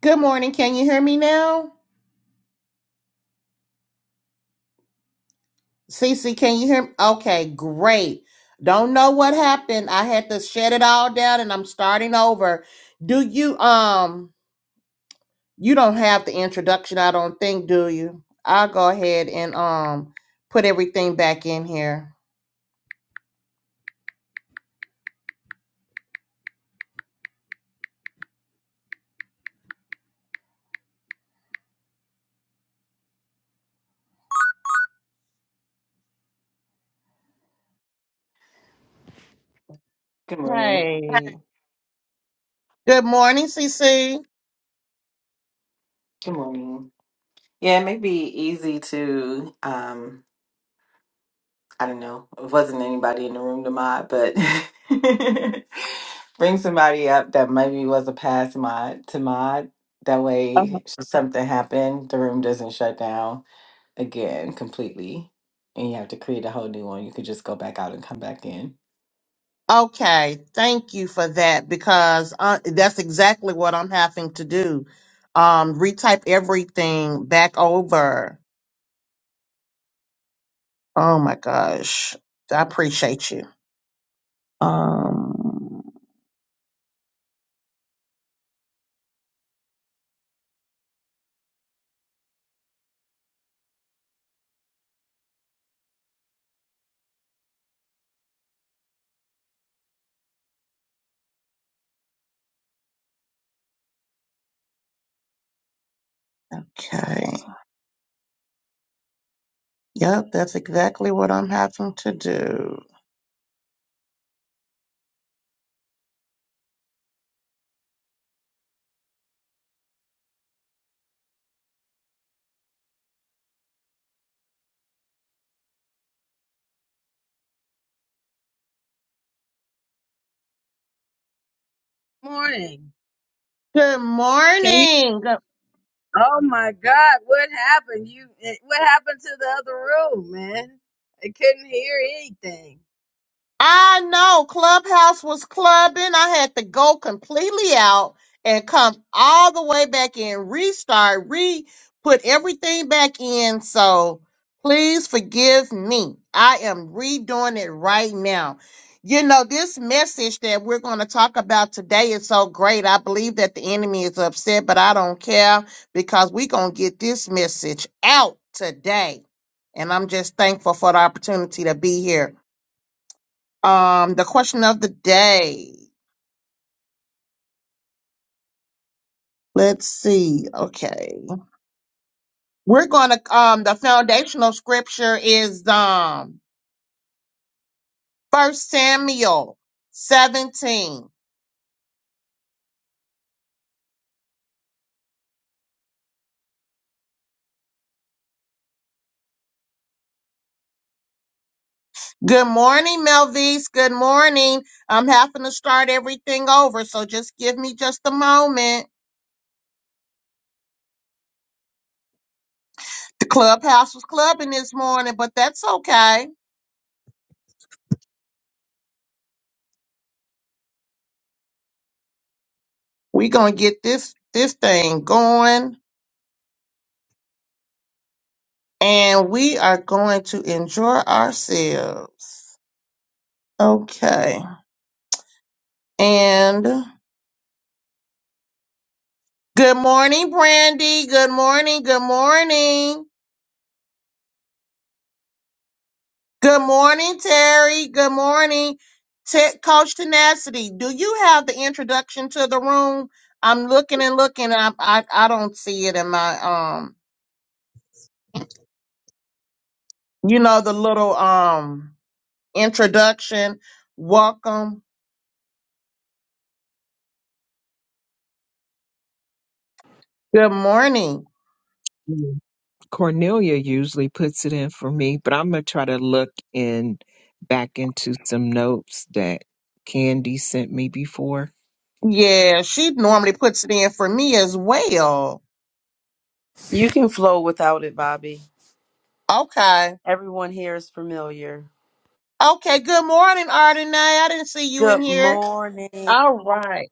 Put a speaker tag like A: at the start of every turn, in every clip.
A: Good morning. Can you hear me now? Cece, can you hear me? Okay, great. Don't know what happened. I had to shut it all down and I'm starting over. Do you um you don't have the introduction, I don't think, do you? I'll go ahead and um put everything back in here.
B: Good morning.
A: Hey. Good morning, Cece.
B: Good morning. Yeah, it may be easy to um I don't know, it wasn't anybody in the room to mod, but bring somebody up that maybe was a past mod to mod. That
A: Uh-huh.
B: way should something happened. the room doesn't shut down again completely. And you have to create a whole new one. You could just go back out and come back in.
A: Okay, thank you for that because uh, that's exactly what I'm having to do. Um, retype everything back over. Oh my gosh. I appreciate you. Um, okay. Yep, that's exactly what I'm having to do.
C: morning.
A: Good
C: Can you?
A: morning. Good
C: Oh my God, what happened? You, eh, what happened to the other room, man? I couldn't hear anything.
A: I know Clubhouse was clubbing. I had to go completely out and come all the way back in, restart, re put everything back in. So please forgive me. I am redoing it right now. You know, this message that we're going to talk about today is so great. I believe that the enemy is upset, but I don't care because we're going to get this message out today. And I'm just thankful for the opportunity to be here. Um, the question of the day. Let's see. Okay. We're gonna um the foundational scripture is um first Samuel 17. Good morning, Melvise. Good morning. I'm having to start everything over, so just give me just a moment. The clubhouse was clubbing this morning, but that's okay. We're gonna get this this thing going and we are going to enjoy ourselves. Okay. And good morning, Brandy. Good morning. Good morning. Good morning, Terry. Good morning, Te- Coach Tenacity. Do you have the introduction to the room? I'm looking and looking. I, I I don't see it in my um. You know the little um introduction. Welcome. Good morning.
D: Mm. Cornelia usually puts it in for me, but I'm gonna try to look in back into some notes that Candy sent me before.
A: Yeah, she normally puts it in for me as well.
E: You can flow without it, Bobby.
A: Okay.
E: Everyone here is familiar.
A: Okay. Good morning, Ardenay. I didn't see you
E: Good
A: in here.
E: morning.
A: All right.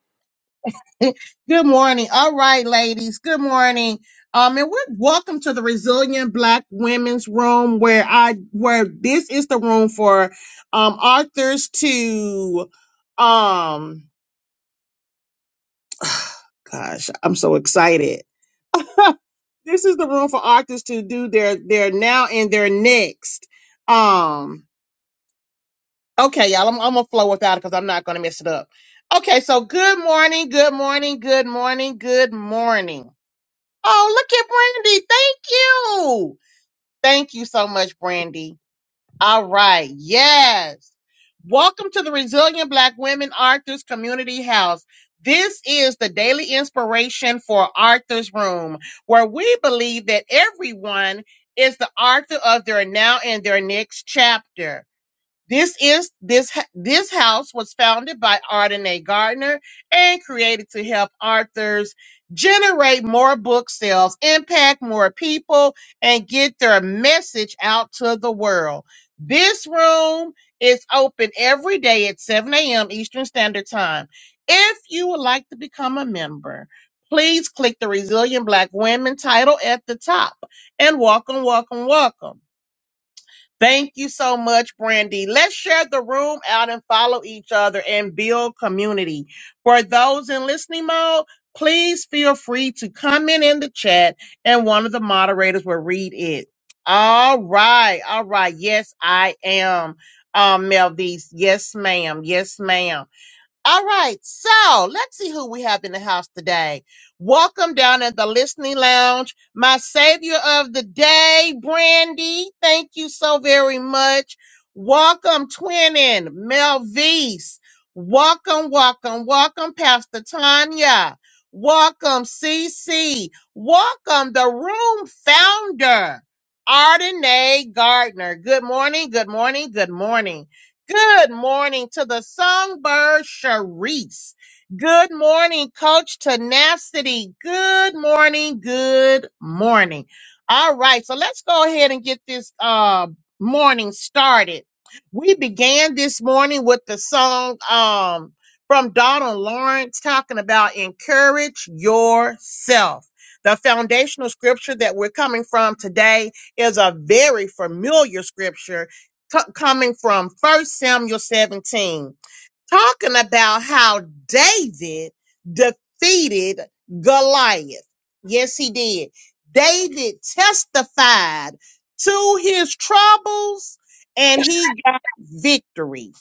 A: Good morning. All right, ladies. Good morning. Um, and we're welcome to the Resilient Black Women's Room, where I where this is the room for um authors to um gosh, I'm so excited. this is the room for authors to do their their now and their next. Um, okay, y'all, I'm, I'm gonna flow without it because I'm not gonna mess it up. Okay, so good morning, good morning, good morning, good morning. Oh, look at Brandy. Thank you. Thank you so much, Brandy. All right. Yes. Welcome to the Resilient Black Women Arthurs Community House. This is the daily inspiration for Arthur's Room, where we believe that everyone is the author of their now and their next chapter. This is this h- this house was founded by Arden A. Gardner and created to help authors generate more book sales, impact more people, and get their message out to the world. This room is open every day at 7 a.m. Eastern Standard Time. If you would like to become a member, please click the Resilient Black Women title at the top and welcome, welcome, welcome. Thank you so much, Brandy. Let's share the room out and follow each other and build community. For those in listening mode, please feel free to comment in the chat and one of the moderators will read it. All right. All right. Yes, I am. Um, Melvis. Yes, ma'am. Yes, ma'am. All right, so let's see who we have in the house today. Welcome down in the listening lounge, my savior of the day, Brandy. Thank you so very much. Welcome, twinning Melvise. Welcome, welcome, welcome, Pastor Tanya. Welcome, CC. Welcome, the room founder, Ardenae Gardner. Good morning, good morning, good morning. Good morning to the songbird Sharice. Good morning, Coach Tenacity. Good morning. Good morning. All right, so let's go ahead and get this uh, morning started. We began this morning with the song um, from Donald Lawrence talking about encourage yourself. The foundational scripture that we're coming from today is a very familiar scripture co- coming from First Samuel 17, talking about how David defeated Goliath. Yes, he did. David testified to his troubles and he got victory.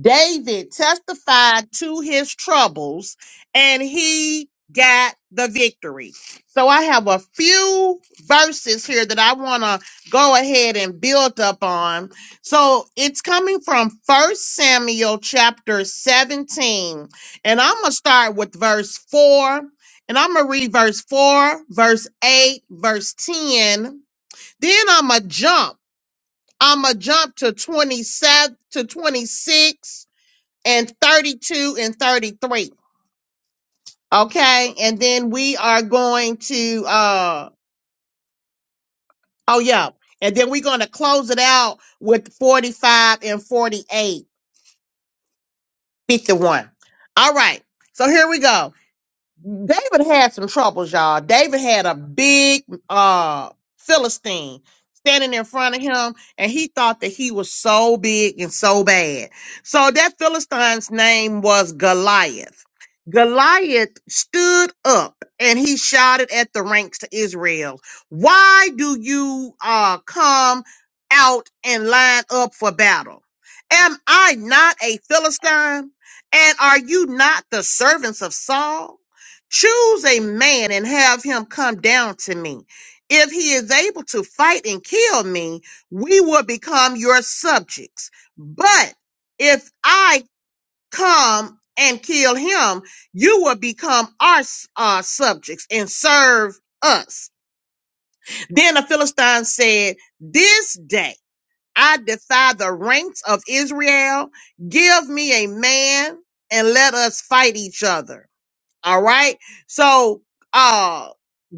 A: David testified to his troubles and he got the victory. So I have a few verses here that I want to go ahead and build up on. So it's coming from First Samuel chapter 17. And I'm going to start with verse 4. And I'm going to read verse 4, verse 8, verse 10. Then I'm going to jump. I'm going to jump to 27 to 26 and 32 and 33. Okay. And then we are going to, uh, oh yeah. And then we're going to close it out with 45 and forty eight, fifty All right. So here we go. David had some troubles, y'all. David had a big uh Philistine standing in front of him, and he thought that he was so big and so bad. So that Philistine's name was Goliath. Goliath stood up and he shouted at the ranks to Israel, Why do you uh come out and line up for battle? Am I not a Philistine? And are you not the servants of Saul? Choose a man and have him come down to me. If he is able to fight and kill me, we will become your subjects. But if I come and kill him, you will become our uh, subjects and serve us. Then the Philistine said, This day I defy the ranks of Israel. Give me a man and let us fight each other. All right. So, uh,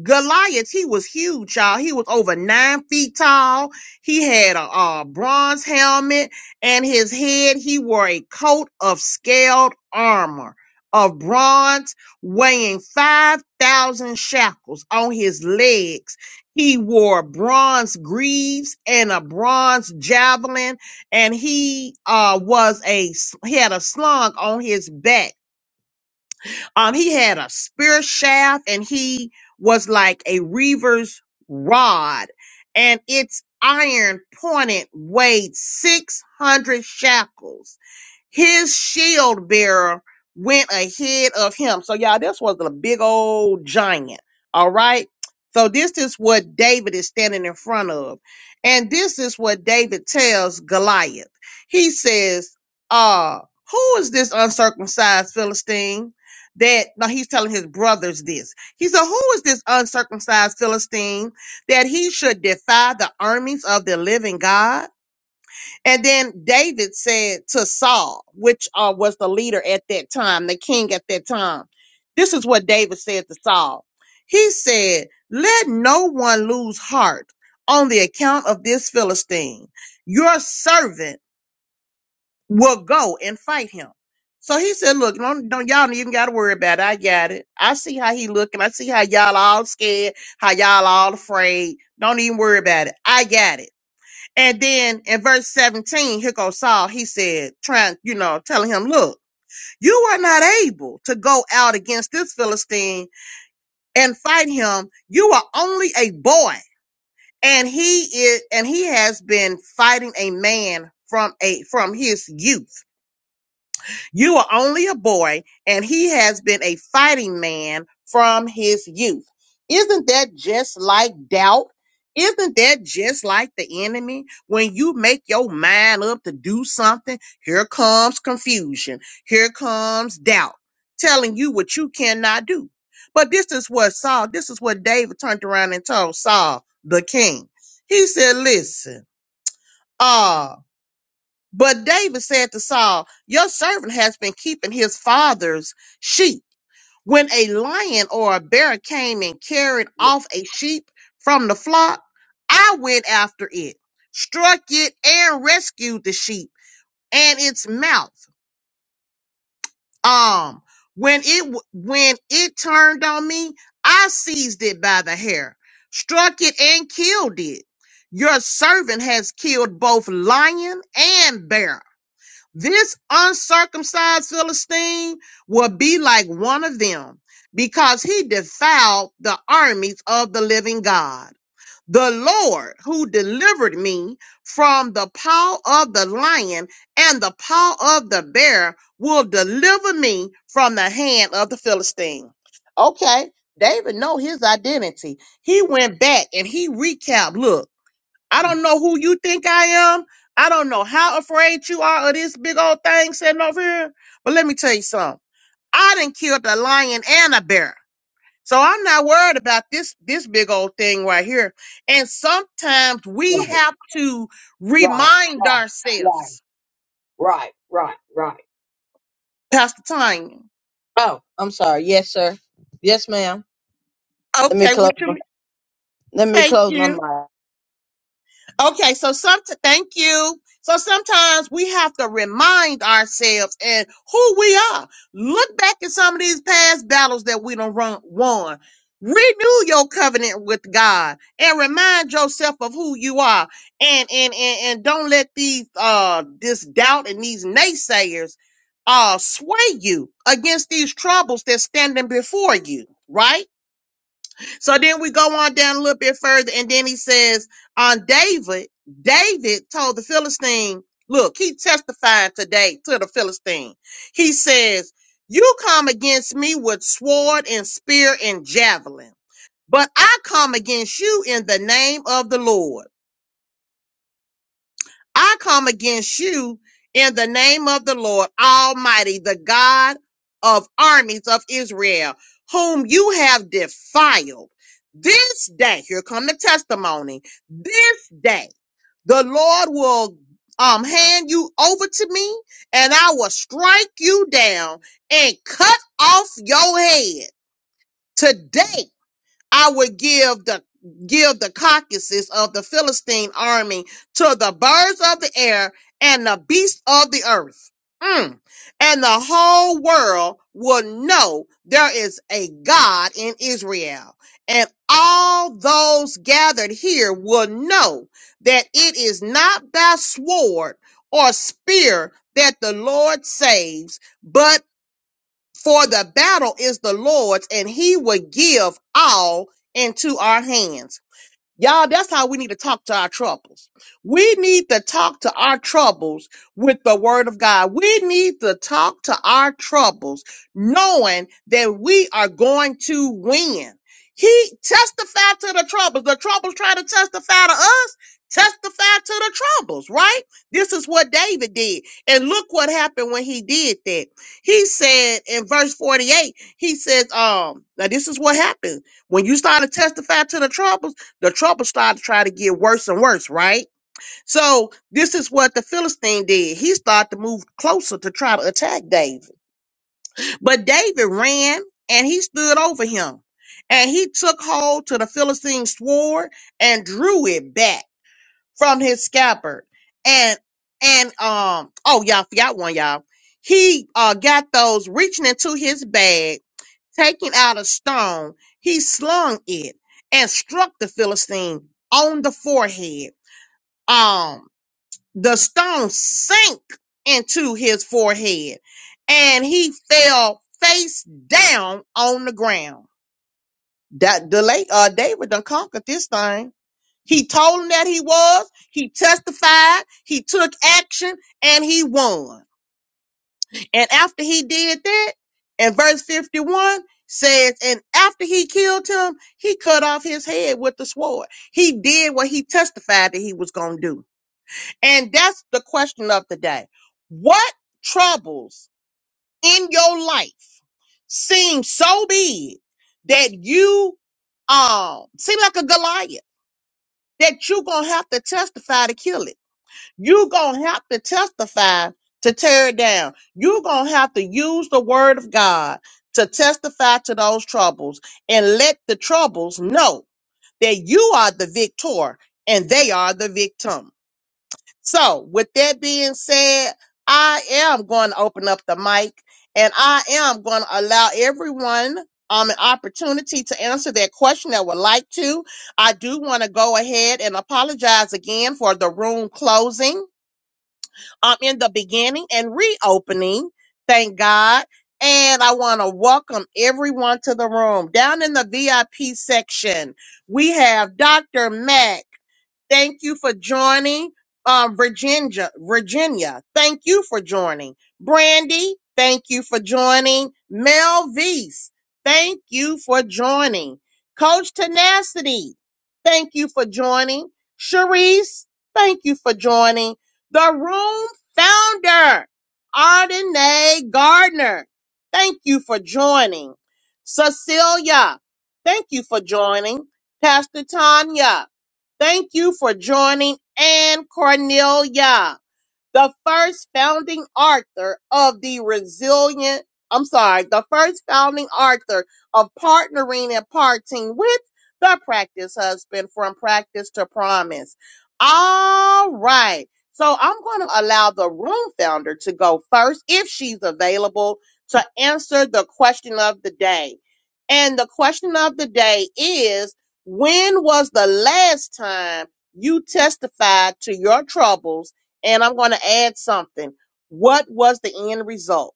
A: Goliath, he was huge, y'all. He was over nine feet tall. He had a, uh bronze helmet and his head, he wore a coat of scaled armor of bronze weighing 5,000 shackles on his legs. He wore bronze greaves and a bronze javelin and he, uh, was a, he had a slung on his back um, he had a spear shaft and he was like a reaver's rod, and its iron pointed weighed 600 shekels his shield bearer went ahead of him. So y'all, this was a big old giant. All right. So this is what David is standing in front of. And this is what David tells Goliath. He says, uh, who is this uncircumcised Philistine? That now he's telling his brothers this. He said, Who is this uncircumcised Philistine that he should defy the armies of the living God? And then David said to Saul, which uh, was the leader at that time, the king at that time, this is what David said to Saul. He said, Let no one lose heart on the account of this Philistine. Your servant will go and fight him. So he said, Look, don't, don't y'all even got to worry about it. I got it. I see how he looking. I see how y'all all scared, how y'all all afraid. Don't even worry about it. I got it. And then in verse 17, here goes Saul. He said, trying, you know, telling him, look, you are not able to go out against this Philistine and fight him. You are only a boy. And he is, and he has been fighting a man from a, from his youth. You are only a boy, and he has been a fighting man from his youth. Isn't that just like doubt? Isn't that just like the enemy? When you make your mind up to do something, here comes confusion. Here comes doubt telling you what you cannot do. But this is what Saul, this is what David turned around and told Saul, the king. He said, Listen, Ah." But David said to Saul, Your servant has been keeping his father's sheep. When a lion or a bear came and carried off a sheep from the flock, I went after it, struck it, and rescued the sheep and its mouth. Um, when it w- when it turned on me, I seized it by the hair, struck it, and killed it. Your servant has killed both lion and bear this uncircumcised Philistine will be like one of them because he defiled the armies of the living God. The Lord who delivered me from the paw of the lion and the paw of the bear will deliver me from the hand of the Philistine. Okay, David know his identity. He went back and he recapped. Look. I don't know who you think I am. I don't know how afraid you are of this big old thing sitting over here. But let me tell you something. I didn't kill the lion and a bear. So I'm not worried about this this big old thing right here. And sometimes we
C: Right,
A: have to
C: right,
A: remind
C: right, right,
A: ourselves,
C: right, right, right.
A: Pastor Tanya.
C: Oh, I'm sorry. Yes, sir. Yes, ma'am. Let me
A: Okay,
C: close.
A: what you
C: My,
A: mean?
C: let me
A: Thank
C: close my
A: you.
C: mic.
A: Okay, so some thank you. So sometimes we have to remind ourselves and who we are. Look back at some of these past battles that we don't run won. Renew your covenant with God and remind yourself of who you are. And and and, and don't let these uh this doubt and these naysayers uh sway you against these troubles that's standing before you, right? So then we go on down a little bit further, and then he says, On David, David told the Philistine, Look, he testified today to the Philistine. He says, You come against me with sword and spear and javelin, but I come against you in the name of the Lord I come against you in the name of the Lord Almighty, the God of armies of Israel, whom you have defiled. This day, here come the testimony. This day, the Lord will um, hand you over to me, and I will strike you down and cut off your head. Today, I would give the give the carcasses of the Philistine army to the birds of the air and the beasts of the earth. Mm. And the whole world will know there is a God in Israel. And all those gathered here will know that it is not by sword or spear that the Lord saves, but. For the battle is the Lord's, and he will give all into our hands. Y'all, that's how we need to talk to our troubles. We need to talk to our troubles with the word of God. We need to talk to our troubles knowing that we are going to win. He testified to the troubles. The troubles try to testify to us. Testify to the troubles, right? This is what David did. And look what happened when he did that. He said in verse 48, he says, um, now this is what happened when you start to testify to the troubles the trouble started to try to get worse and worse, right? So this is what the Philistine did. He started to move closer to try to attack David. But David ran and he stood over him. And he took hold to the Philistine sword and drew it back from his scabbard. And and um oh y'all forgot one, y'all. He uh got those reaching into his bag taking out a stone, he slung it and struck the Philistine on the forehead. Um, the stone sank into his forehead and he fell face down on the ground. That the late uh David done conquered this thing. He told him that he was, he testified, he took action, and he won. And after he did that, and verse 51 says, and after he killed him, he cut off his head with the sword. He did what he testified that he was going to do. And that's the question of the day. What troubles in your life seem so big that you um seem like a Goliath that you're gonna have to testify to kill it? You're going to have to testify to tear it down. You're going to have to use the word of God to testify to those troubles and let the troubles know that you are the victor and they are the victim. So, with that being said, I am going to open up the mic and I am going to allow everyone um, an opportunity to answer that question that would like to. I do want to go ahead and apologize again for the room closing um, in the beginning and reopening. Thank God. And I want to welcome everyone to the room. Down in the VIP section, we have Dr. Matt. Thank you for joining. Uh, Virginia, Virginia, thank you for joining. Brandy, thank you for joining. Melvise, thank you for joining. Coach Tenacity, thank you for joining. Sharice, thank you for joining. The room founder, Ardenae Gardner, thank you for joining. Cecilia, thank you for joining. Pastor Tanya, Thank you for joining Ann Cornelia the first founding author of the resilient, I'm sorry, the first founding author of partnering and parting with the practice husband from practice to promise. All right. So I'm going to allow the room founder to go first if she's available to answer the question of the day. And the question of the day is when was the last time you testified to your troubles? and I'm going to add something. What was the end result?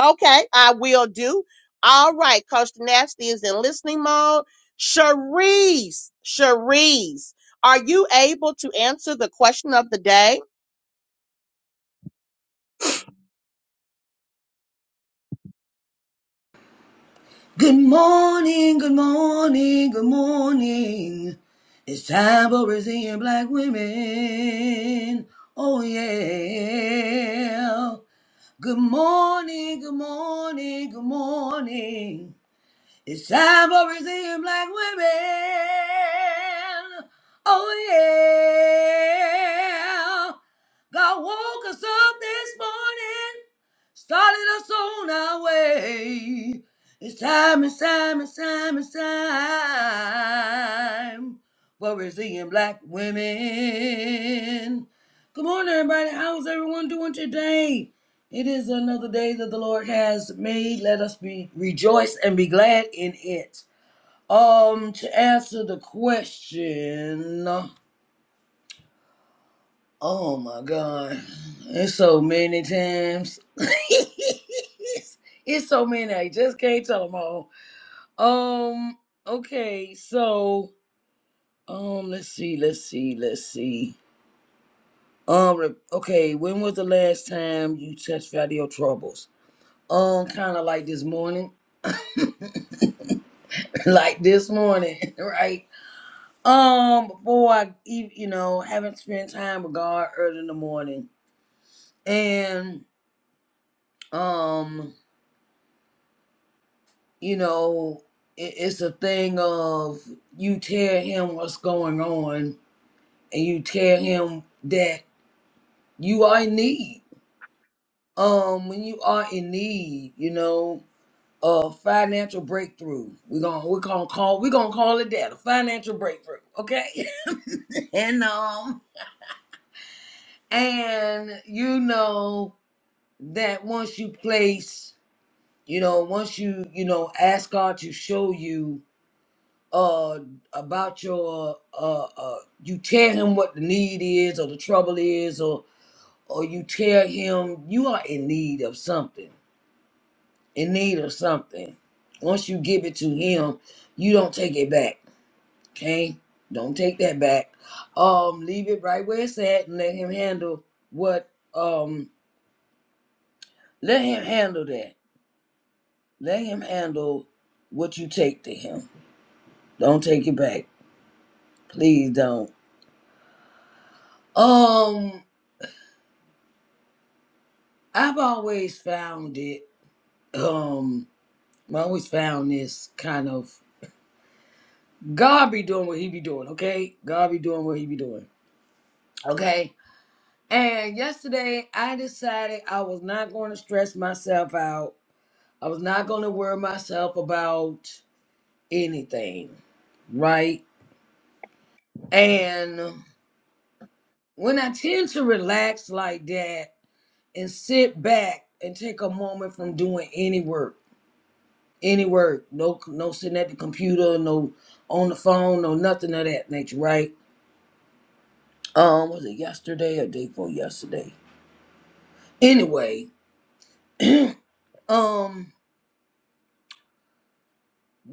A: Okay, I will do. All right, Coach Nasty is in listening mode. Cherise, Cherise, are you able to answer the question of the day?
F: Good morning, good morning, good morning. It's time for Brazilian black women. Oh yeah. Good morning, good morning, good morning. It's time for Brazilian black women. Oh, yeah. God woke us up this morning, started us on our way. It's time, it's time, it's time, it's time for Brazilian black women. Good morning, everybody. How's everyone doing today? It is another day that the Lord has made. Let us be rejoice and be glad in it. Um, to answer the question, oh my God, it's so many times. it's, it's so many. I just can't tell them all. Um, okay, so um, let's see, let's see, let's see. Um, re- okay, when was the last time you touched out of your troubles? Um, kind of like this morning. like this morning, right? Um, before I I, e- you know, haven't spent time with God early in the morning, and um, you know, it, it's a thing of you tell Him what's going on, and you tell Him that you are in need. Um, when you are in need, you know, a financial breakthrough. We're gonna we're gonna call we're gonna call it that a financial breakthrough, okay? and um. and you know that once you place you know once you you know ask god to show you uh about your uh uh you tell him what the need is or the trouble is or or you tell him you are in need of something in need of something once you give it to him you don't take it back okay don't take that back um leave it right where it's at and let him handle what um let him handle that Let him handle what you take to him. Don't take it back. Please don't. Um, I've always found it. Um, I always found this kind of God be doing what he be doing, okay? God be doing what he be doing, okay? And yesterday I decided I was not going to stress myself out. I was not going to worry myself about anything, right? And when I tend to relax like that, and sit back and take a moment from doing any work, any work. No, no sitting at the computer, no on the phone, no nothing of that nature. Right? Um, was it yesterday or day before yesterday? Anyway, um,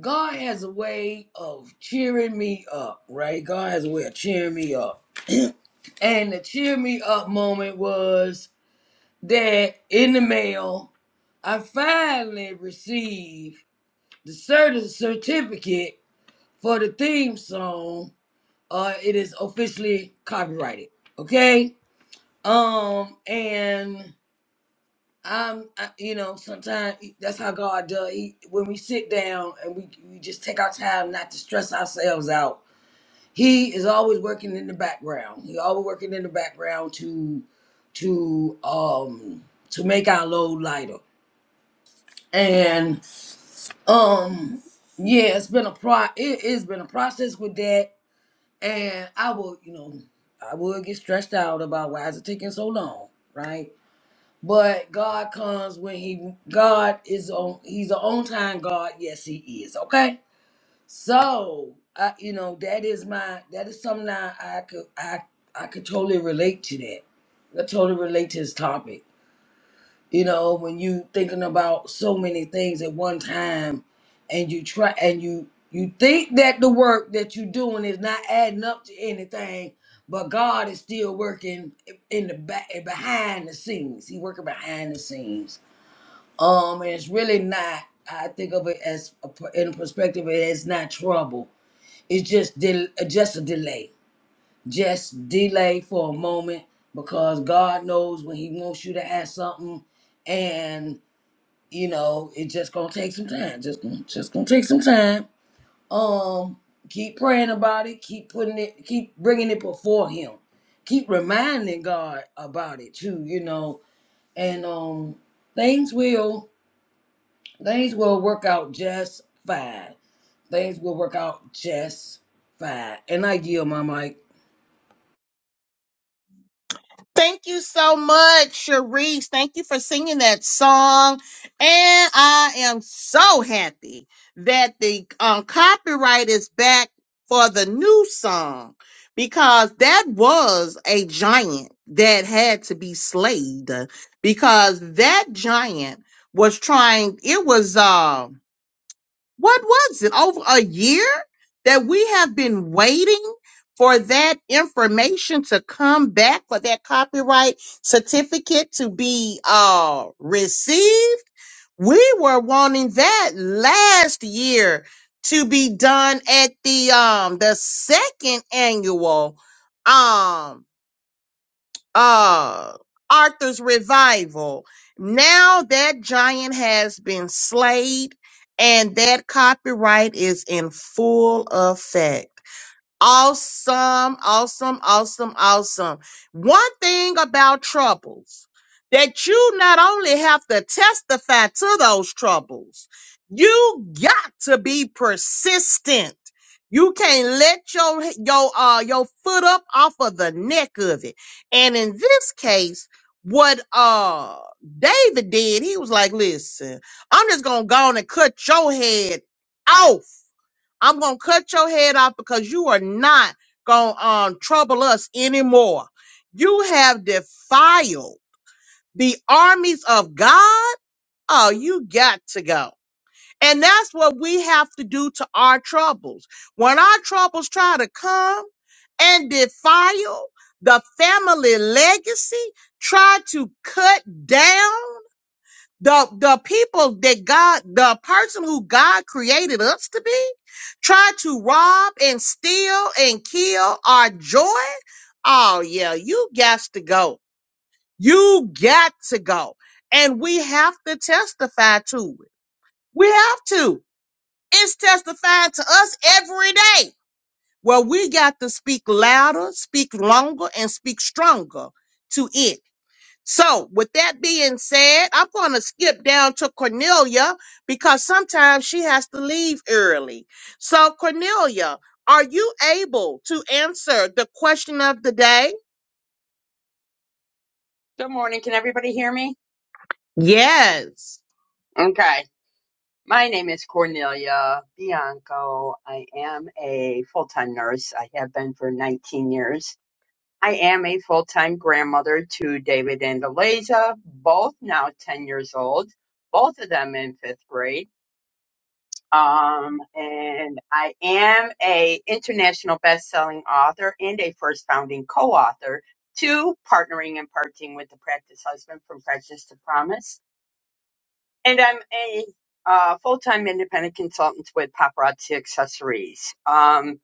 F: God has a way of cheering me up. Right? God has a way of cheering me up, and the cheer me up moment was that in the mail, I finally received the certi- certificate for the theme song, uh, it is officially copyrighted. Okay. Um, and I'm, I, you know, sometimes e, that's how God does. He, when we sit down and we, we just take our time not to stress ourselves out. He is always working in the background. He always working in the background to, to, um, to make our load lighter. And, um, yeah, it's been a pro. It, has been a process with that And I will, you know, I would get stressed out about why is it taking so long, right? But God comes when He God is on He's an on time God. Yes, He is. Okay. So I, you know, that is my that is something I, I could I I could totally relate to that. I totally relate to this topic. You know, when you thinking about so many things at one time and you try and you you think that the work that you're doing is not adding up to anything, but God is still working in the back behind the scenes. He working behind the scenes. Um, and it's really not. I think of it as a, per- in a perspective, it's not trouble. It's just del- eh, just a delay, just delay for a moment because God knows when He wants you to have something, and you know, it just gonna take some time. Just gonna, just gonna take some time. Um, keep praying about it. Keep putting it. Keep bringing it before Him. Keep reminding God about it too. You know, and um, things will things will work out just fine. Things will work out just fine. And I yield my mic.
A: Thank you so much, Sharice. Thank you for singing that song. And I am so happy that the um, copyright is back for the new song because that was a giant that had to be slayed because that giant was trying, it was, uh, what was it? Over a year that we have been waiting for that information to come back, for that copyright certificate to be uh, received. We were wanting that last year to be done at the um the second annual um uh Arthur's revival. Now that giant has been slayed and that copyright is in full effect. Awesome, awesome, awesome, awesome. One thing about troubles that you not only have to testify to those troubles, you got to be persistent. You can't let your your uh your foot up off of the neck of it. And in this case, what uh David did, he was like, "Listen, I'm just gonna go on and cut your head off." I'm gonna cut your head off because you are not gonna um, trouble us anymore. You have defiled the armies of God. Oh, you got to go. And that's what we have to do to our troubles. When our troubles try to come and defile the family legacy, try to cut down the the people that God, the person who God created us to be, try to rob and steal and kill our joy. Oh yeah, you got to go. You got to go, and we have to testify to it. We have to. It's testified to us every day. Well, we got to speak louder, speak longer, and speak stronger to it so, with that being said, I'm going to skip down to Cornelia because sometimes she has to leave early. So, Cornelia, are you able to answer the question of the day?
G: Good morning. Can everybody hear me?
A: Yes.
G: Okay. My name is Cornelia Bianco. I am a full time nurse. I have been for 19 years. I am a full time grandmother to David and Eliza, both now 10 years old, both of them in fifth grade. Um, and I am a international best selling author and a first founding co author to partnering and parting with the practice husband from practice to promise And I'm a uh, full time independent consultant with Paparazzi Accessories. Um,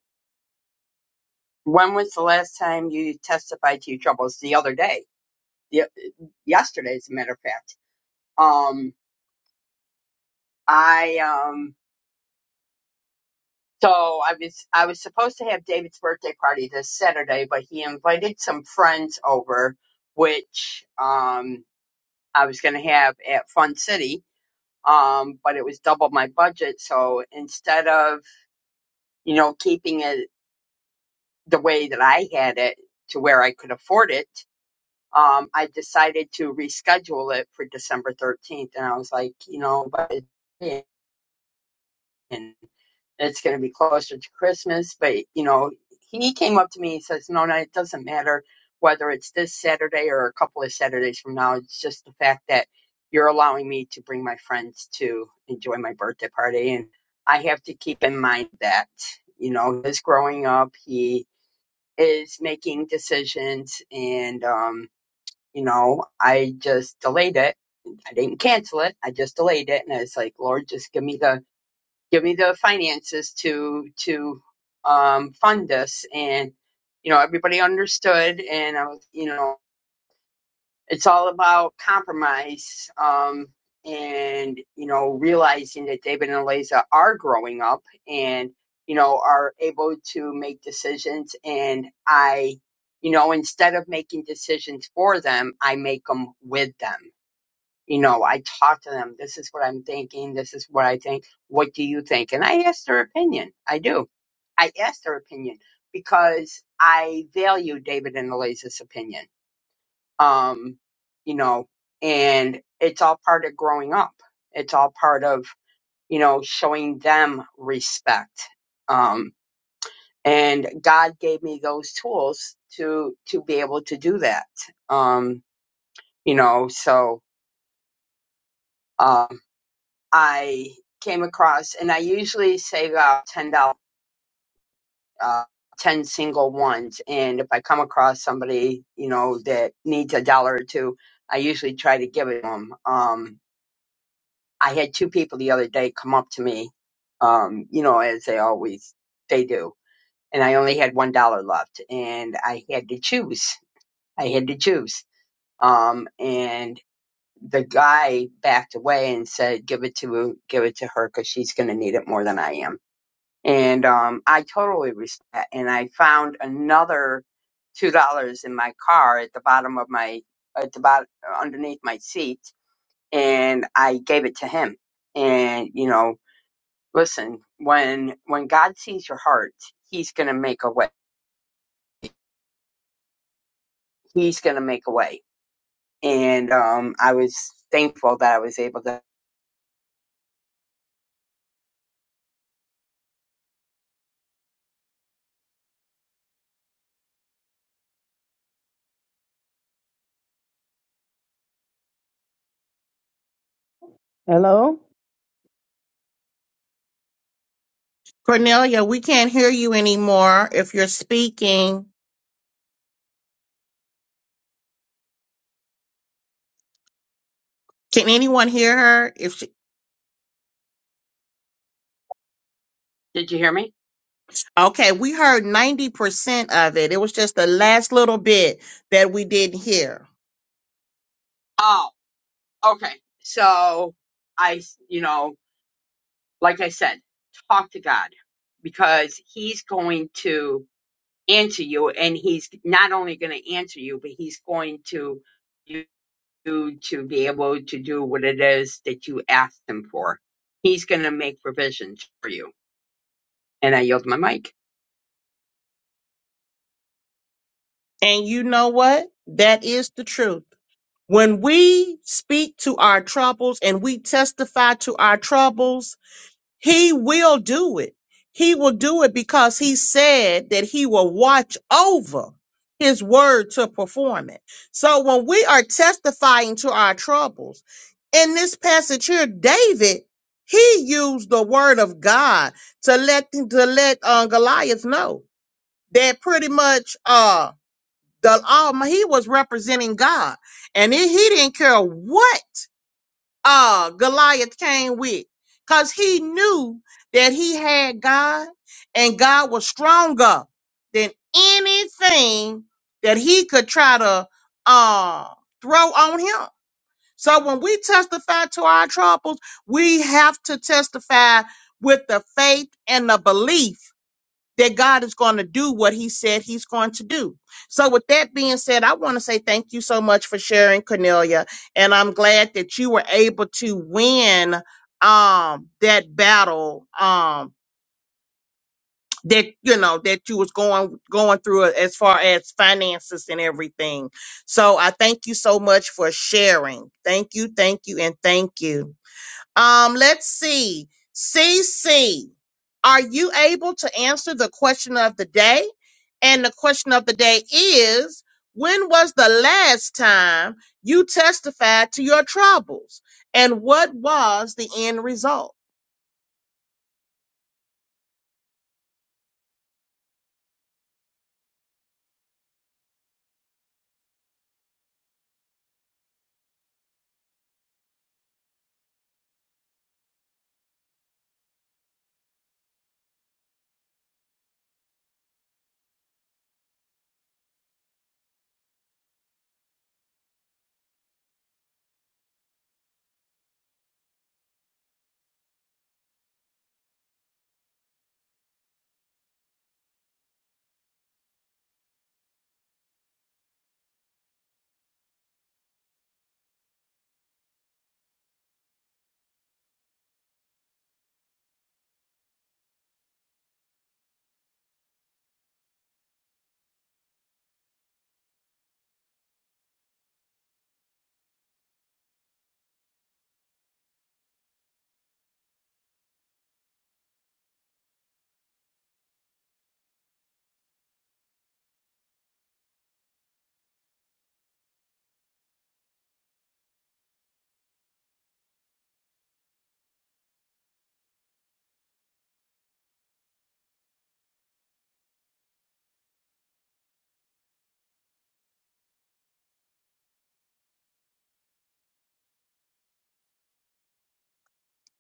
G: when was the last time you testified to your troubles? The other day, y- yesterday, as a matter of fact. Um, I um, so I was I was supposed to have David's birthday party this Saturday, but he invited some friends over, which um, I was going to have at Fun City. Um, but it was double my budget, so instead of you know keeping it the way that I had it to where I could afford it, um, I decided to reschedule it for December 13th. And I was like, you know, but it, and it's going to be closer to Christmas. But, you know, he came up to me and says, no, no, it doesn't matter whether it's this Saturday or a couple of Saturdays from now. It's just the fact that you're allowing me to bring my friends to enjoy my birthday party. And I have to keep in mind that, you know, his growing up, he is making decisions and um you know i just delayed it i didn't cancel it i just delayed it and i was like lord just give me the give me the finances to to um fund this and you know everybody understood and i was you know it's all about compromise um, and you know realizing that david and eliza are growing up and you know are able to make decisions and i you know instead of making decisions for them i make them with them you know i talk to them this is what i'm thinking this is what i think what do you think and i ask their opinion i do i ask their opinion because i value david and eliza's opinion um, you know, and it's all part of growing up. It's all part of, you know, showing them respect. Um, and God gave me those tools to, to be able to do that. Um, you know, so, um, I came across and I usually save out $10, uh, 10 single ones. And if I come across somebody, you know, that needs a dollar or two, I usually try to give it to 'em. Um, I had two people the other day come up to me, um, you know, as they always they do, and I only had one dollar left, and I had to choose. I had to choose. Um, and the guy backed away and said, "Give it to give it to her because she's going to need it more than I am." And um, I totally respect. that. And I found another two dollars in my car at the bottom of my at the bottom underneath my seat, and I gave it to him and you know Listen, when when God sees your heart, He's gonna make a way. He's gonna make a way. And um, I was thankful that I was able to.
C: Hello?
A: Cornelia, we can't hear you anymore if you're speaking. Can anyone hear her? If she
G: Did you hear me?
A: Okay, we heard 90% of it. It was just the last little bit that we didn't hear.
G: Oh, okay. So I, s- you know, like I said, talk to God because He's going to answer you, and He's not only going to answer you, but He's going to you to be able to do what it is that you asked Him for. He's going to make provisions for you and I yield my mic.
A: And you know what? That is the truth. When we speak to our troubles and we testify to our troubles, He will do it. He will do it because He said that He will watch over His word to perform it. So when we are testifying to our troubles, in this passage here, David he used the word of God to let to let uh, Goliath know that pretty much. uh the um he was representing God, and he, he didn't care what uh Goliath came with, cause he knew that he had God, and God was stronger than anything that he could try to uh throw on him. So when we testify to our troubles, we have to testify with the faith and the belief that God is going to do what he said he's going to do. So with that being said, I want to say thank you so much for sharing Cornelia and I'm glad that you were able to win um that battle um that you know that you was going going through as far as finances and everything. So I thank you so much for sharing. Thank you, thank you and thank you. Um, let's see. CC, are you able to answer the question of the day? And the question of the day is When was the last time you testified to your troubles? And what was the end result?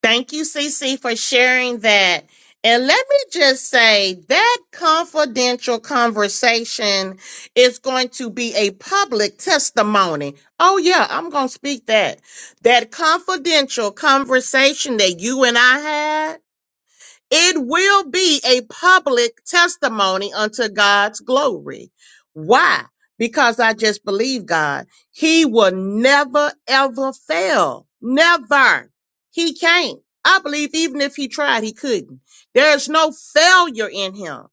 A: Thank you, CC, for sharing that. And let me just say that confidential conversation is going to be a public testimony. Oh, yeah, I'm going to speak that. That confidential conversation that you and I had. It will be a public testimony unto God's glory. Why? Because I just believe God. He will never, ever fail. Never. He can't. I believe even if he tried, he couldn't. There's no failure in him.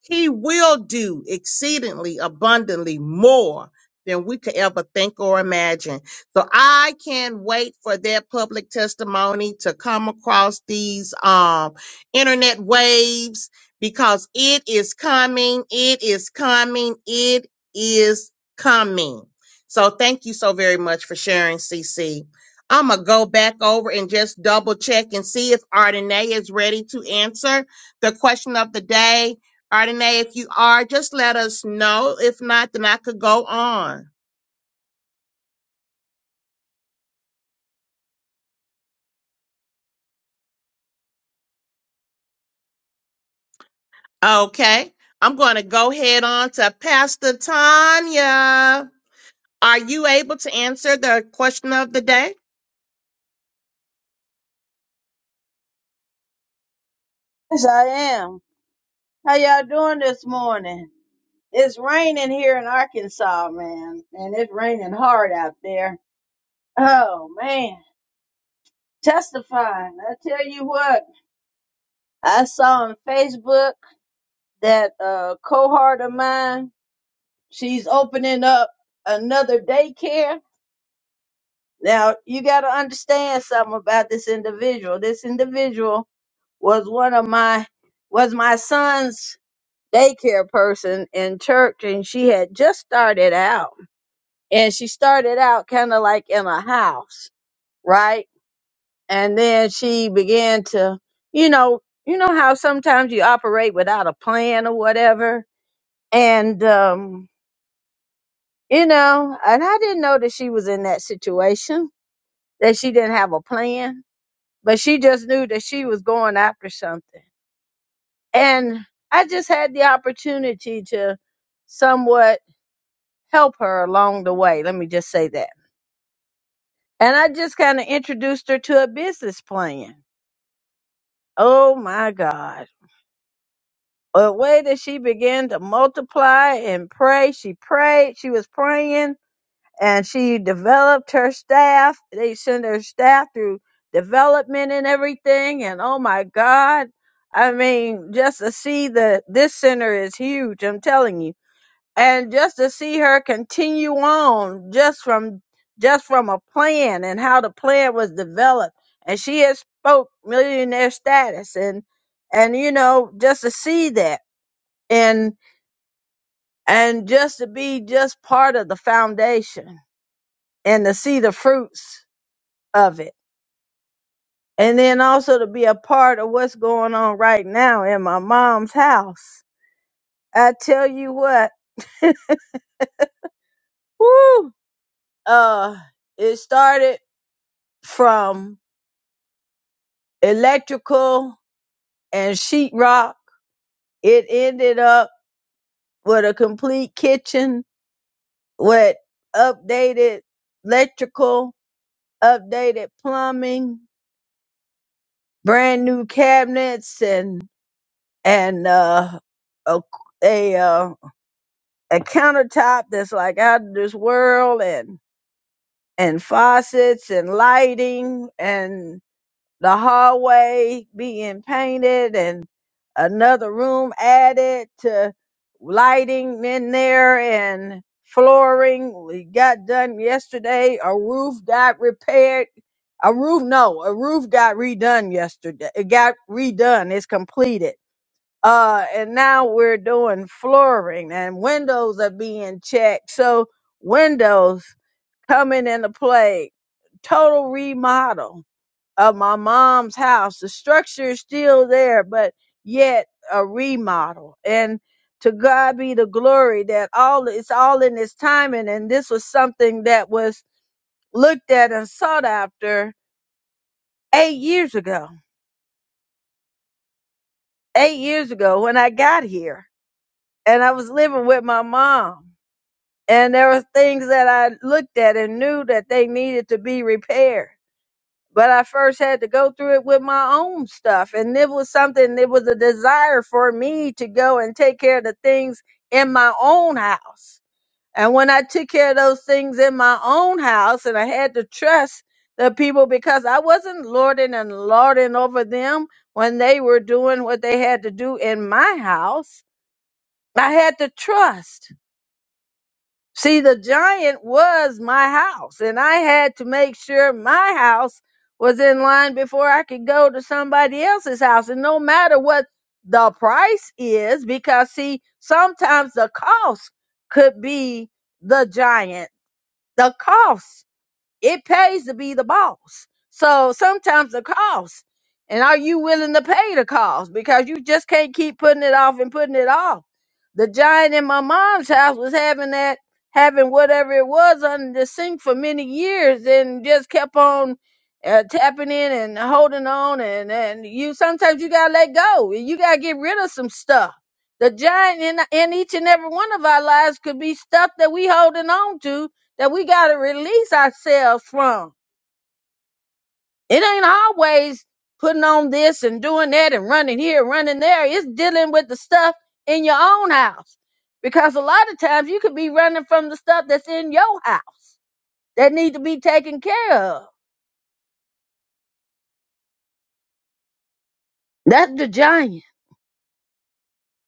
A: He will do exceedingly abundantly more than we could ever think or imagine. So I can't wait for their public testimony to come across these, um, internet waves because it is coming. It is coming. It is coming. So thank you so very much for sharing, CC. I'm going to go back over and just double check and see if Ardenae is ready to answer the question of the day. Ardenae, if you are, just let us know. If not, then I could go on. Okay. I'm going to go head on to Pastor Tanya. Are you able to answer the question of the day?
C: Yes, I am. How y'all doing this morning? It's raining here in Arkansas, man, and it's raining hard out there. Oh man. testifying. I tell you what, I saw on Facebook that a cohort of mine, she's opening up another daycare. Now, you got to understand something about this individual. This individual was one of my was my son's daycare person in church and she had just started out. And she started out kind of like in a house, right? and then she began to you know you know how sometimes you operate without a plan or whatever and um you know and i didn't know that she was in that situation that she didn't have a plan but she just knew that she was going after something and i just had the opportunity to somewhat help her along the way let me just say that and i just kind of introduced her to a business plan oh my god The way that she began to multiply and pray. She prayed, she was praying, and she developed her staff. They sent her staff through development and everything. And oh my God, I mean, just to see that this center is huge, I'm telling you. And just to see her continue on just from just from a plan and how the plan was developed. And she has spoke millionaire status and and you know, just to see that and and just to be just part of the foundation and to see the fruits of it and then also to be a part of what's going on right now in my mom's house i tell you what whoo, uh it started from electrical and sheetrock it ended up with a complete kitchen with updated electrical updated plumbing brand new cabinets and and uh, a a, uh, a countertop that's like out of this world and and faucets and lighting and the hallway being painted and another room added to lighting in there and flooring we got done yesterday a roof got repaired a roof no a roof got redone yesterday it got redone it's completed uh and now we're doing flooring and windows are being checked so windows coming into play total remodel of my mom's house. The structure is still there, but yet a remodel. And to God be the glory that all it's all in its timing. And this was something that was looked at and sought after eight years ago. Eight years ago when I got here. And I was living with my mom. And there were things that I looked at and knew that they needed to be repaired but I first had to go through it with my own stuff. And it was something, it was a desire for me to go and take care of the things in my own house. And when I took care of those things in my own house, and I had to trust the people because I wasn't lording and lording over them when they were doing what they had to do in my house, I had to trust. See, the giant was my house, and I had to make sure my house was in line before I could go to somebody else's house. And no matter what the price is, because see, sometimes the cost could be the giant. The cost. It pays to be the boss. So sometimes the cost. And are you willing to pay the cost? Because you just can't keep putting it off and putting it off. The giant in my mom's house was having that, having whatever it was under the sink for many years and just kept on uh, tapping in and holding on. And, and you sometimes you got to let go. You got to get rid of some stuff. The giant in, in each and every one of our lives could be stuff that we holding on to that we got to release ourselves from. It ain't always putting on this and doing that and running here, running there. It's dealing with the stuff in your own house. Because a lot of times you could be running from the stuff that's in your house that need to be taken care of. That's the giant.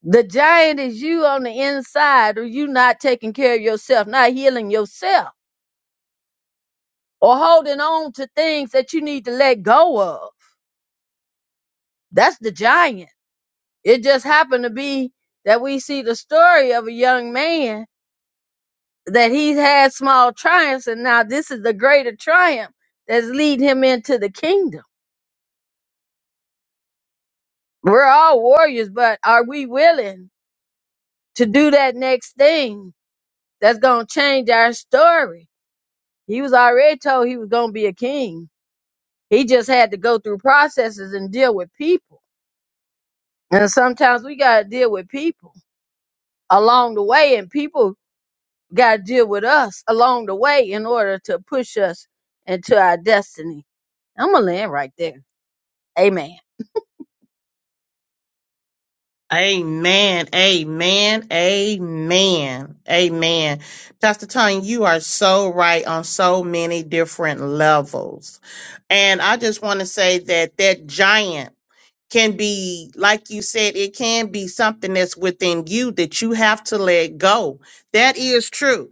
C: The giant is you on the inside, or you not taking care of yourself, not healing yourself, or holding on to things that you need to let go of. That's the giant. It just happened to be that we see the story of a young man that he's had small triumphs, and now this is the greater triumph that's leading him into the kingdom. We're all warriors, but are we willing to do that next thing that's going to change our story? He was already told he was going to be a king. He just had to go through processes and deal with people. And sometimes we got to deal with people along the way, and people got to deal with us along the way in order to push us into our destiny. I'm going to land right there. Amen.
A: Amen. Amen. Amen. Amen. Pastor Tony, you are so right on so many different levels. And I just want to say that that giant can be, like you said, it can be something that's within you that you have to let go. That is true.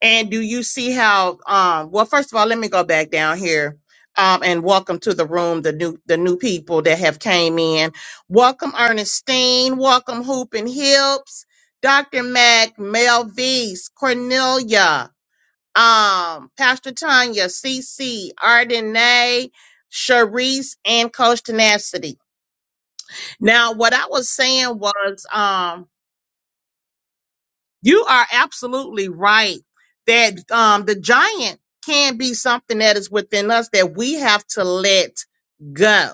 A: And do you see how? Um, well, first of all, let me go back down here. Um, and welcome to the room, the new the new people that have came in. Welcome Ernestine. Welcome Hoop and Hips, Dr. Mac, Melvise, Cornelia, um, Pastor Tanya, CC, Ardenay, Sharice, and Coach Tenacity. Now, what I was saying was, um, You are absolutely right that um, the giant can be something that is within us that we have to let go.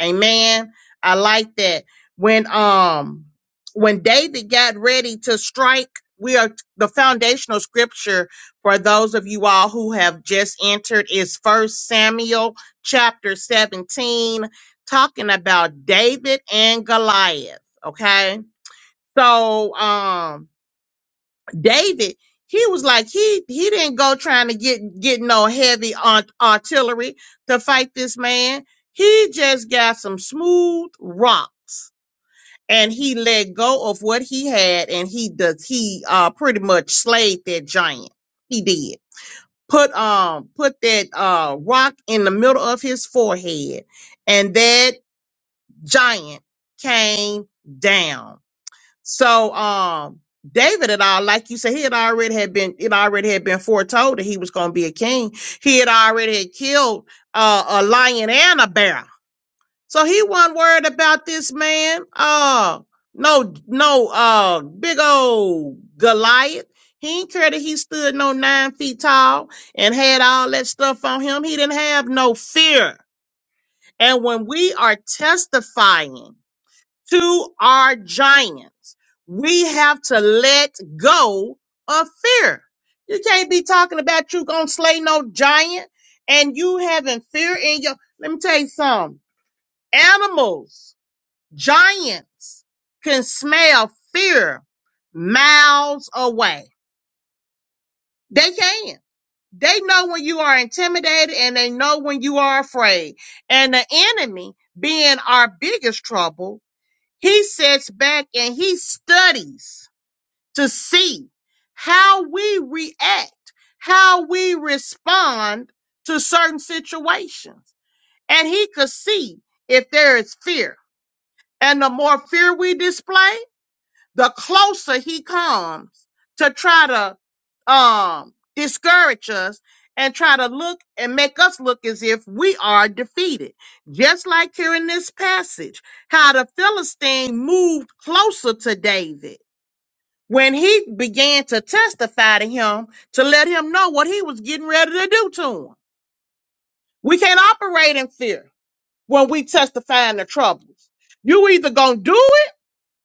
A: Amen. I like that. When um when David got ready to strike, we are the foundational scripture for those of you all who have just entered is First Samuel chapter 17, talking about David and Goliath. Okay. So um David, he was like he he didn't go trying to get get no heavy art, artillery to fight this man. He just got some smooth rocks and he let go of what he had and he does he uh pretty much slayed that giant. He did. Put um put that uh rock in the middle of his forehead and that giant came down so um David at all, like you said, he had already had been it already had been foretold that he was gonna be a king. He had already had killed uh, a lion and a bear. So he wasn't worried about this man. Uh no no uh big old Goliath. He ain't care that he stood no nine feet tall and had all that stuff on him. He didn't have no fear. And when we are testifying to our giants. We have to let go of fear. You can't be talking about you gonna slay no giant and you having fear in your. Let me tell you something. Animals, giants can smell fear miles away. They can. They know when you are intimidated and they know when you are afraid. And the enemy being our biggest trouble he sits back and he studies to see how we react, how we respond to certain situations. And he could see if there is fear. And the more fear we display, the closer he comes to try to um discourage us and try to look and make us look as if we are defeated. Just like here in this passage, how the Philistine moved closer to David when he began to testify to him to let him know what he was getting ready to do to him. We can't operate in fear when we testify in the troubles. You either gonna do it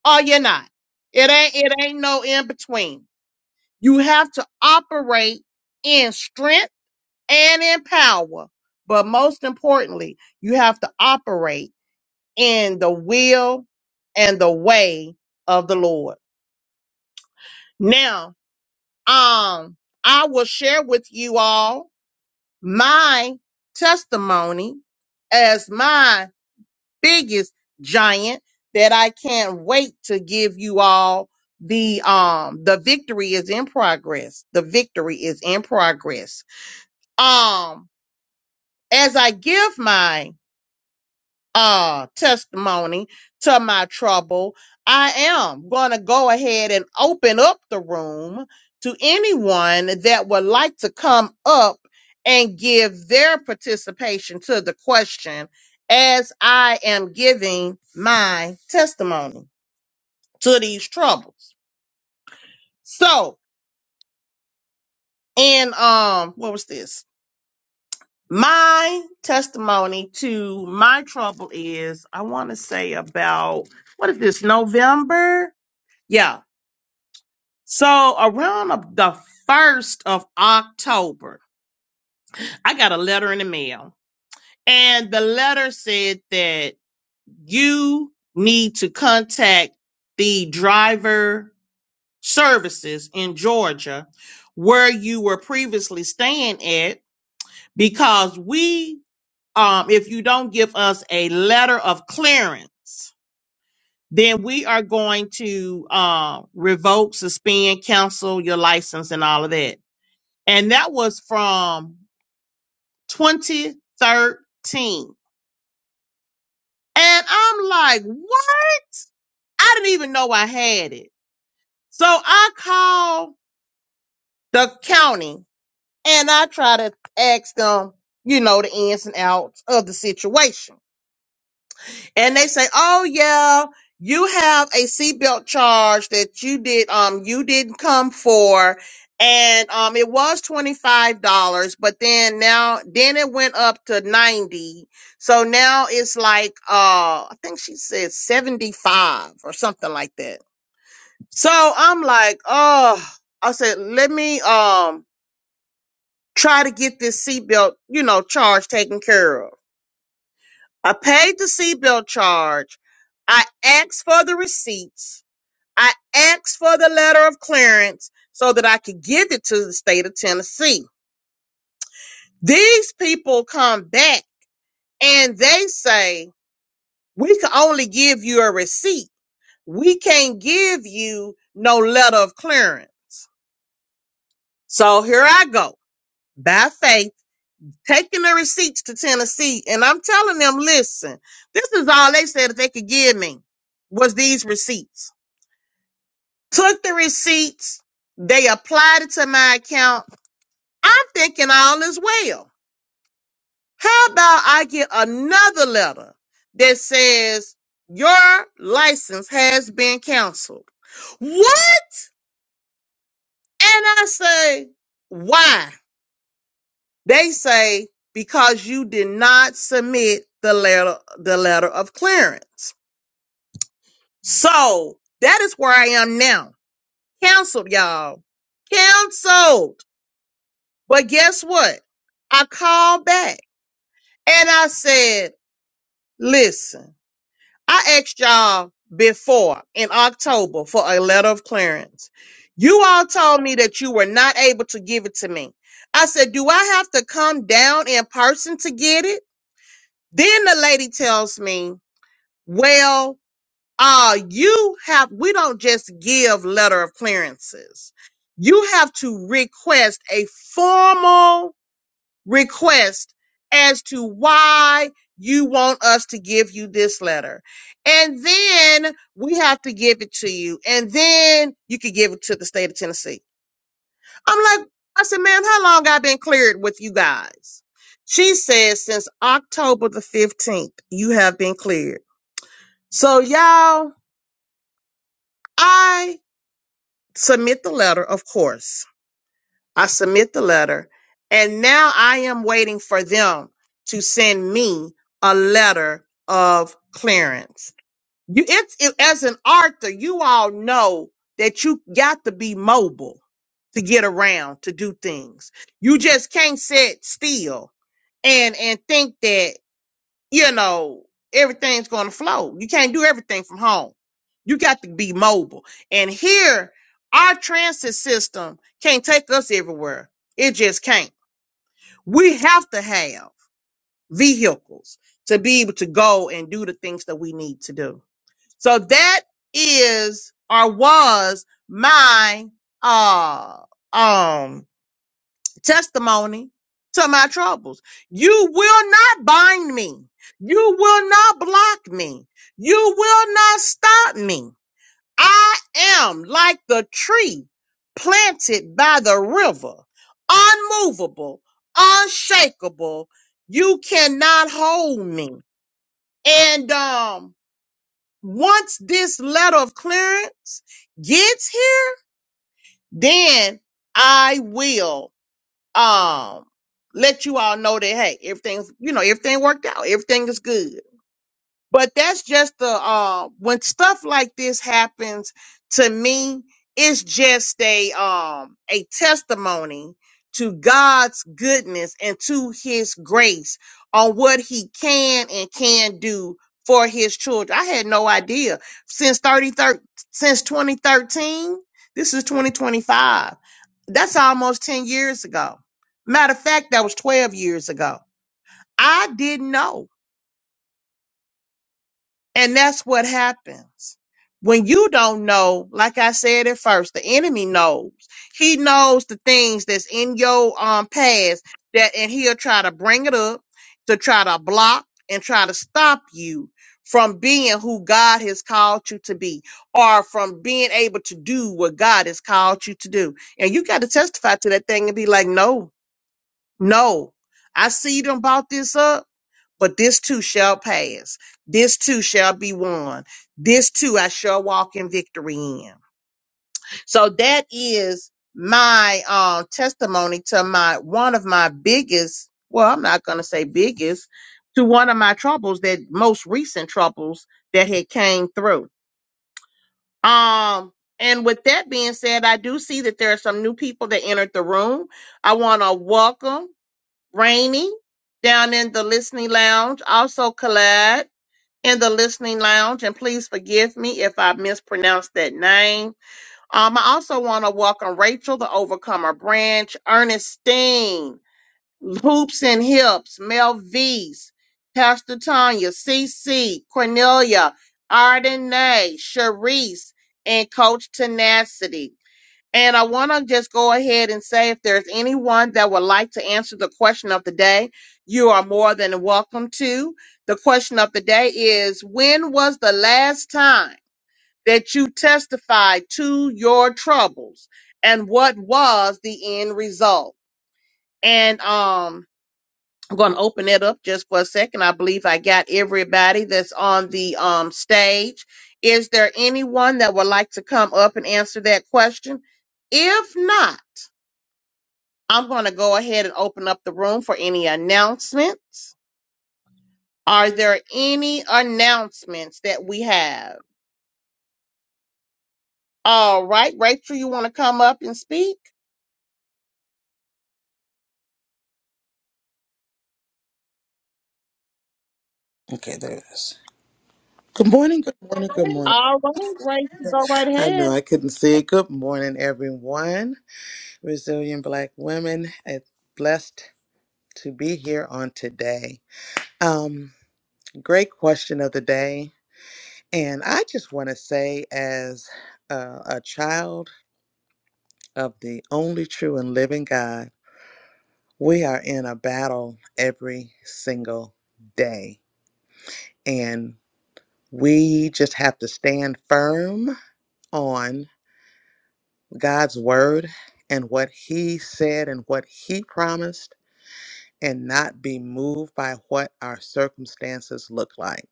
A: or you're not. It ain't it ain't no in between. You have to operate in strength and in power. But most importantly, you have to operate in the will and the way of the Lord. Now, um, I will share with you all my testimony as my biggest giant that I can't wait to give you all the um the victory is in progress. The victory is in progress um as i give my uh testimony to my trouble i am going to go ahead and open up the room to anyone that would like to come up and give their participation to the question as i am giving my testimony to these troubles so in um what was this My testimony to my trouble is I want to say about what is this, November? Yeah. So around the 1st of October, I got a letter in the mail. And the letter said that you need to contact the driver services in Georgia where you were previously staying at because we um, if you don't give us a letter of clearance, then we are going to uh, revoke, suspend, cancel your license and all of that. And that was from 2013. And I'm like, what? I didn't even know I had it. So I called the county and I try to ask them, you know, the ins and outs of the situation. and they say, "Oh yeah, you have a seatbelt charge that you did um you didn't come for." And um it was $25, but then now then it went up to 90. So now it's like uh I think she said 75 or something like that. So I'm like, "Oh, I said, let me um try to get this seatbelt, you know, charge taken care of." I paid the seatbelt charge. I asked for the receipts. I asked for the letter of clearance so that I could give it to the state of Tennessee. These people come back and they say, we can only give you a receipt. We can't give you no letter of clearance. So here I go by faith, taking the receipts to Tennessee. And I'm telling them, listen, this is all they said that they could give me was these receipts. took the receipts, they applied it to my account. I'm thinking all is well. How about I get another letter that says your license has been canceled? What? And I say, why? They say, because you did not submit the letter, the letter of clearance. So that is where I am now. Canceled, y'all. Canceled. But guess what? I called back and I said, listen, I asked y'all before in October for a letter of clearance. You all told me that you were not able to give it to me. I said, do I have to come down in person to get it? Then the lady tells me, well, uh, you have, we don't just give letter of clearances. You have to request a formal request as to why you want us to give you this letter. And then we have to give it to you. And then you can give it to the state of Tennessee. I'm like, I said, ma'am, how long I been cleared with you guys? She says since October the 15th, you have been cleared. So y'all, I submit the letter, of course. I submit the letter, and now I am waiting for them to send me a letter of clearance. You, it's it, as an author, you all know that you got to be mobile to get around to do things. You just can't sit still and and think that you know, everything's going to flow. You can't do everything from home. You got to be mobile. And here, our transit system can't take us everywhere. It just can't. We have to have vehicles to be able to go and do the things that we need to do. So that is or was my uh um testimony to my troubles. You will not bind me. You will not block me. You will not stop me. I am like the tree planted by the river, unmovable, unshakable. You cannot hold me. And um once this letter of clearance gets here, then I will um let you all know that hey, everything's you know, everything worked out, everything is good. But that's just the uh when stuff like this happens to me, it's just a um a testimony to God's goodness and to his grace on what he can and can do for his children. I had no idea. Since 30, thir- since 2013, this is 2025. That's almost 10 years ago. Matter of fact, that was 12 years ago. I didn't know. And that's what happens. When you don't know, like I said at first, the enemy knows. He knows the things that's in your um past that and he'll try to bring it up to try to block and try to stop you from being who God has called you to be or from being able to do what God has called you to do. And you got to testify to that thing and be like, "No. No. I see them bought this up but this too shall pass. This too shall be won. This too I shall walk in victory in. So that is my uh, testimony to my one of my biggest. Well, I'm not gonna say biggest to one of my troubles that most recent troubles that had came through. Um, and with that being said, I do see that there are some new people that entered the room. I want to welcome Rainy down in the listening lounge, also Collab in the listening lounge, and please forgive me if I mispronounced that name. Um, I also want to welcome Rachel, the Overcomer Branch, Ernestine, Hoops and Hips, Mel V's, Pastor Tanya, C. C. Cornelia, Ardenay, Sharice, and Coach Tenacity. And I want to just go ahead and say if there's anyone that would like to answer the question of the day, you are more than welcome to. The question of the day is When was the last time that you testified to your troubles and what was the end result? And, um, I'm going to open it up just for a second. I believe I got everybody that's on the um, stage. Is there anyone that would like to come up and answer that question? If not, I'm going to go ahead and open up the room for any announcements. Are there any announcements that we have? All right, Rachel, you want to come up and speak?
H: Okay, there it is. Good morning, good morning, good morning.
A: All right, Rachel, go right
H: I know
A: ahead.
H: I couldn't say it. Good morning, everyone. Resilient Black women, it's blessed to be here on today. Um, great question of the day. And I just want to say, as uh, a child of the only true and living God, we are in a battle every single day. And we just have to stand firm on. God's word and what he said and what he promised and not be moved by what our circumstances look like.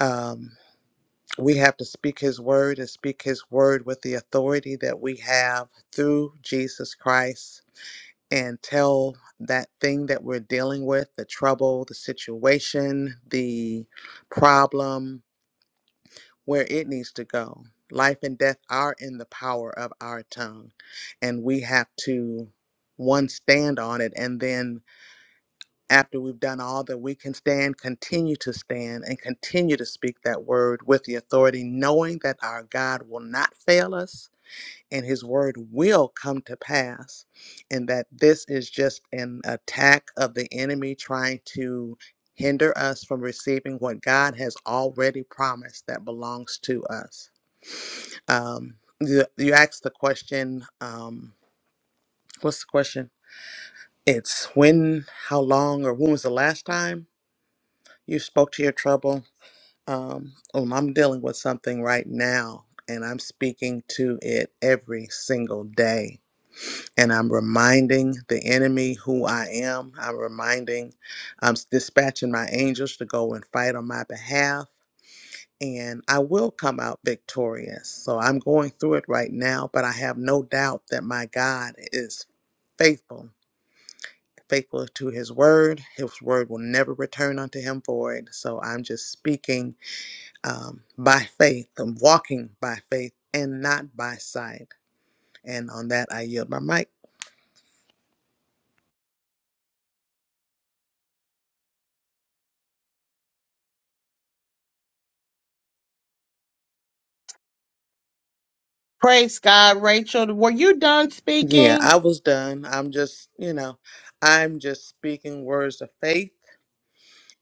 H: Um, we have to speak his word and speak his word with the authority that we have through Jesus Christ and tell that thing that we're dealing with the trouble, the situation, the problem, where it needs to go. Life and death are in the power of our tongue, and we have to one stand on it and then after we've done all that we can stand continue to stand and continue to speak that word with the authority knowing that our God will not fail us and his word will come to pass and that this is just an attack of the enemy trying to hinder us from receiving what God has already promised that belongs to us um, you, you asked the question. Um, what's the question? It's when, how long, or when was the last time you spoke to your trouble? Um, um, I'm dealing with something right now, and I'm speaking to it every single day. And I'm reminding the enemy who I am. I'm reminding, I'm dispatching my angels to go and fight on my behalf. and I will come out victorious. So I'm going through it right now, but I have no doubt that my God is faithful, faithful to his word. His word will never return unto him void. So I'm just speaking um, by faith, I'm walking by faith and not by sight. And on that, I yield my mic.
A: Praise God, Rachel. Were you done
H: Yeah,
A: speaking?
H: I was done. I'm just, you know, I'm just speaking words of faith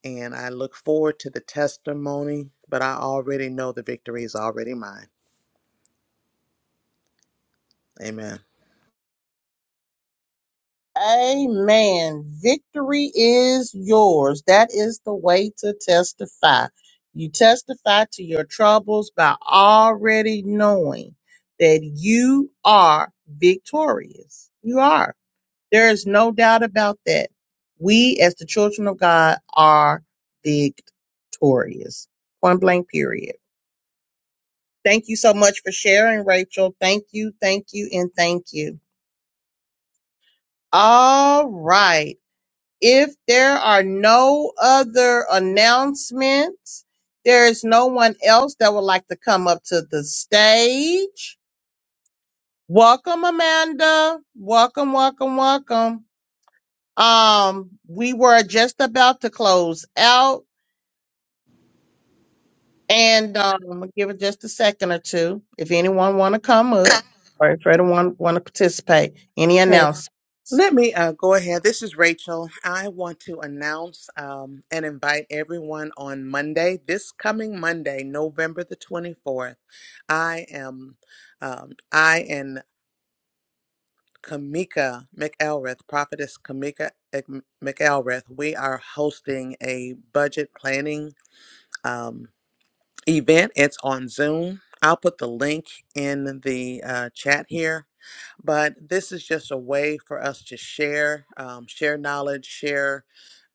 H: and I look forward to the testimony, but I already know the victory is already mine. Amen.
A: Amen. Victory is yours. That is the way to testify. You testify to your troubles by already knowing that you are victorious. You are. There is no doubt about that. We, as the children of God, are victorious. Point blank, period. Thank you so much for sharing, Rachel. Thank you, thank you, and thank you. All right. If there are no other announcements, there is no one else that would like to come up to the stage. Welcome, Amanda. Welcome, welcome, welcome. Um, we were just about to close out, and um, I'm gonna give it just a second or two if anyone want to come up or if anyone want to participate. Any
H: Okay.
A: announcements?
H: Let me uh, go ahead. This is Rachel. I want to announce um, and invite everyone on Monday, this coming Monday, November the 24th. I am, um, I and Kamika McElrath, Prophetess Kamika Ek- McElrath, we are hosting a budget planning. um, event. It's on Zoom. I'll put the link in the uh, chat here but this is just a way for us to share, um, share knowledge, share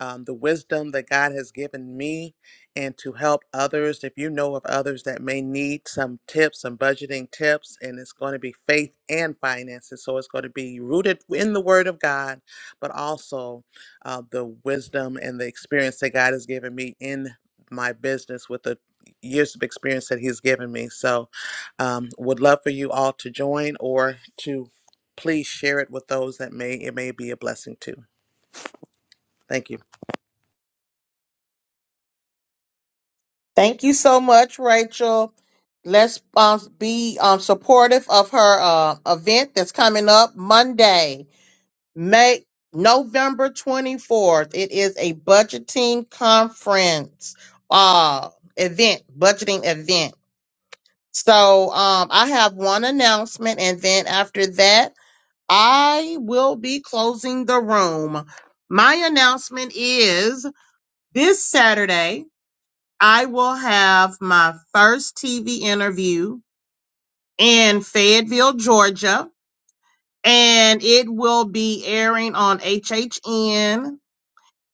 H: um, the wisdom that God has given me, and to help others. If you know of others that may need some tips, some budgeting tips, and it's going to be faith and finances. So it's going to be rooted in the Word of God, but also uh, the wisdom and the experience that God has given me in my business with the years of experience that He's given me. So um, would love for you all to join or to Please share it with those that may it may be a blessing to. Thank you.
A: Thank you so much, Rachel. Let's um, be um, supportive of her uh, event that's coming up Monday, May November 24th. It is a budgeting conference uh, event, budgeting event. So um, I have one announcement, and then after that, I will be closing the room. My announcement is this Saturday. I will have my first TV interview in Fayetteville, Georgia, and it will be airing on HHN.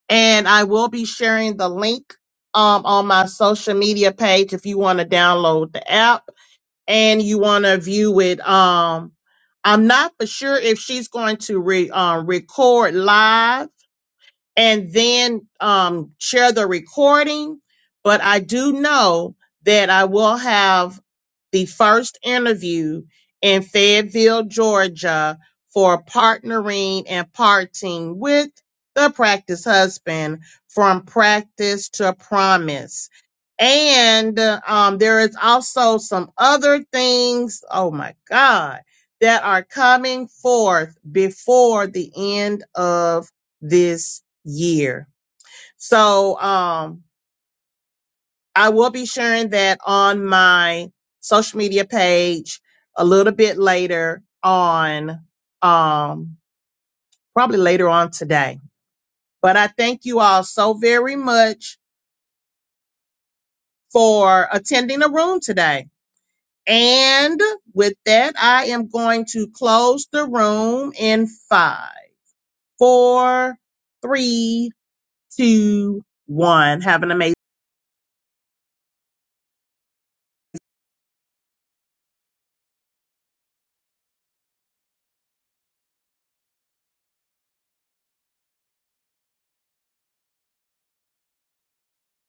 A: And I will be sharing the link um, on my social media page if you want to download the app and you want to view it. Um, I'm not for sure if she's going to re, um, record live and then um, share the recording, but I do know that I will have the first interview in Fayetteville, Georgia for partnering and parting with the practice husband from practice to promise. And um, there is also some other things, oh my God, that are coming forth before the end of this year. So, um, I will be sharing that on my social media page a little bit later on, um, probably later on today. But I thank you all so very much for attending the room today. And with that, I am going to close the room in five, four, three, two, one. Have an amazing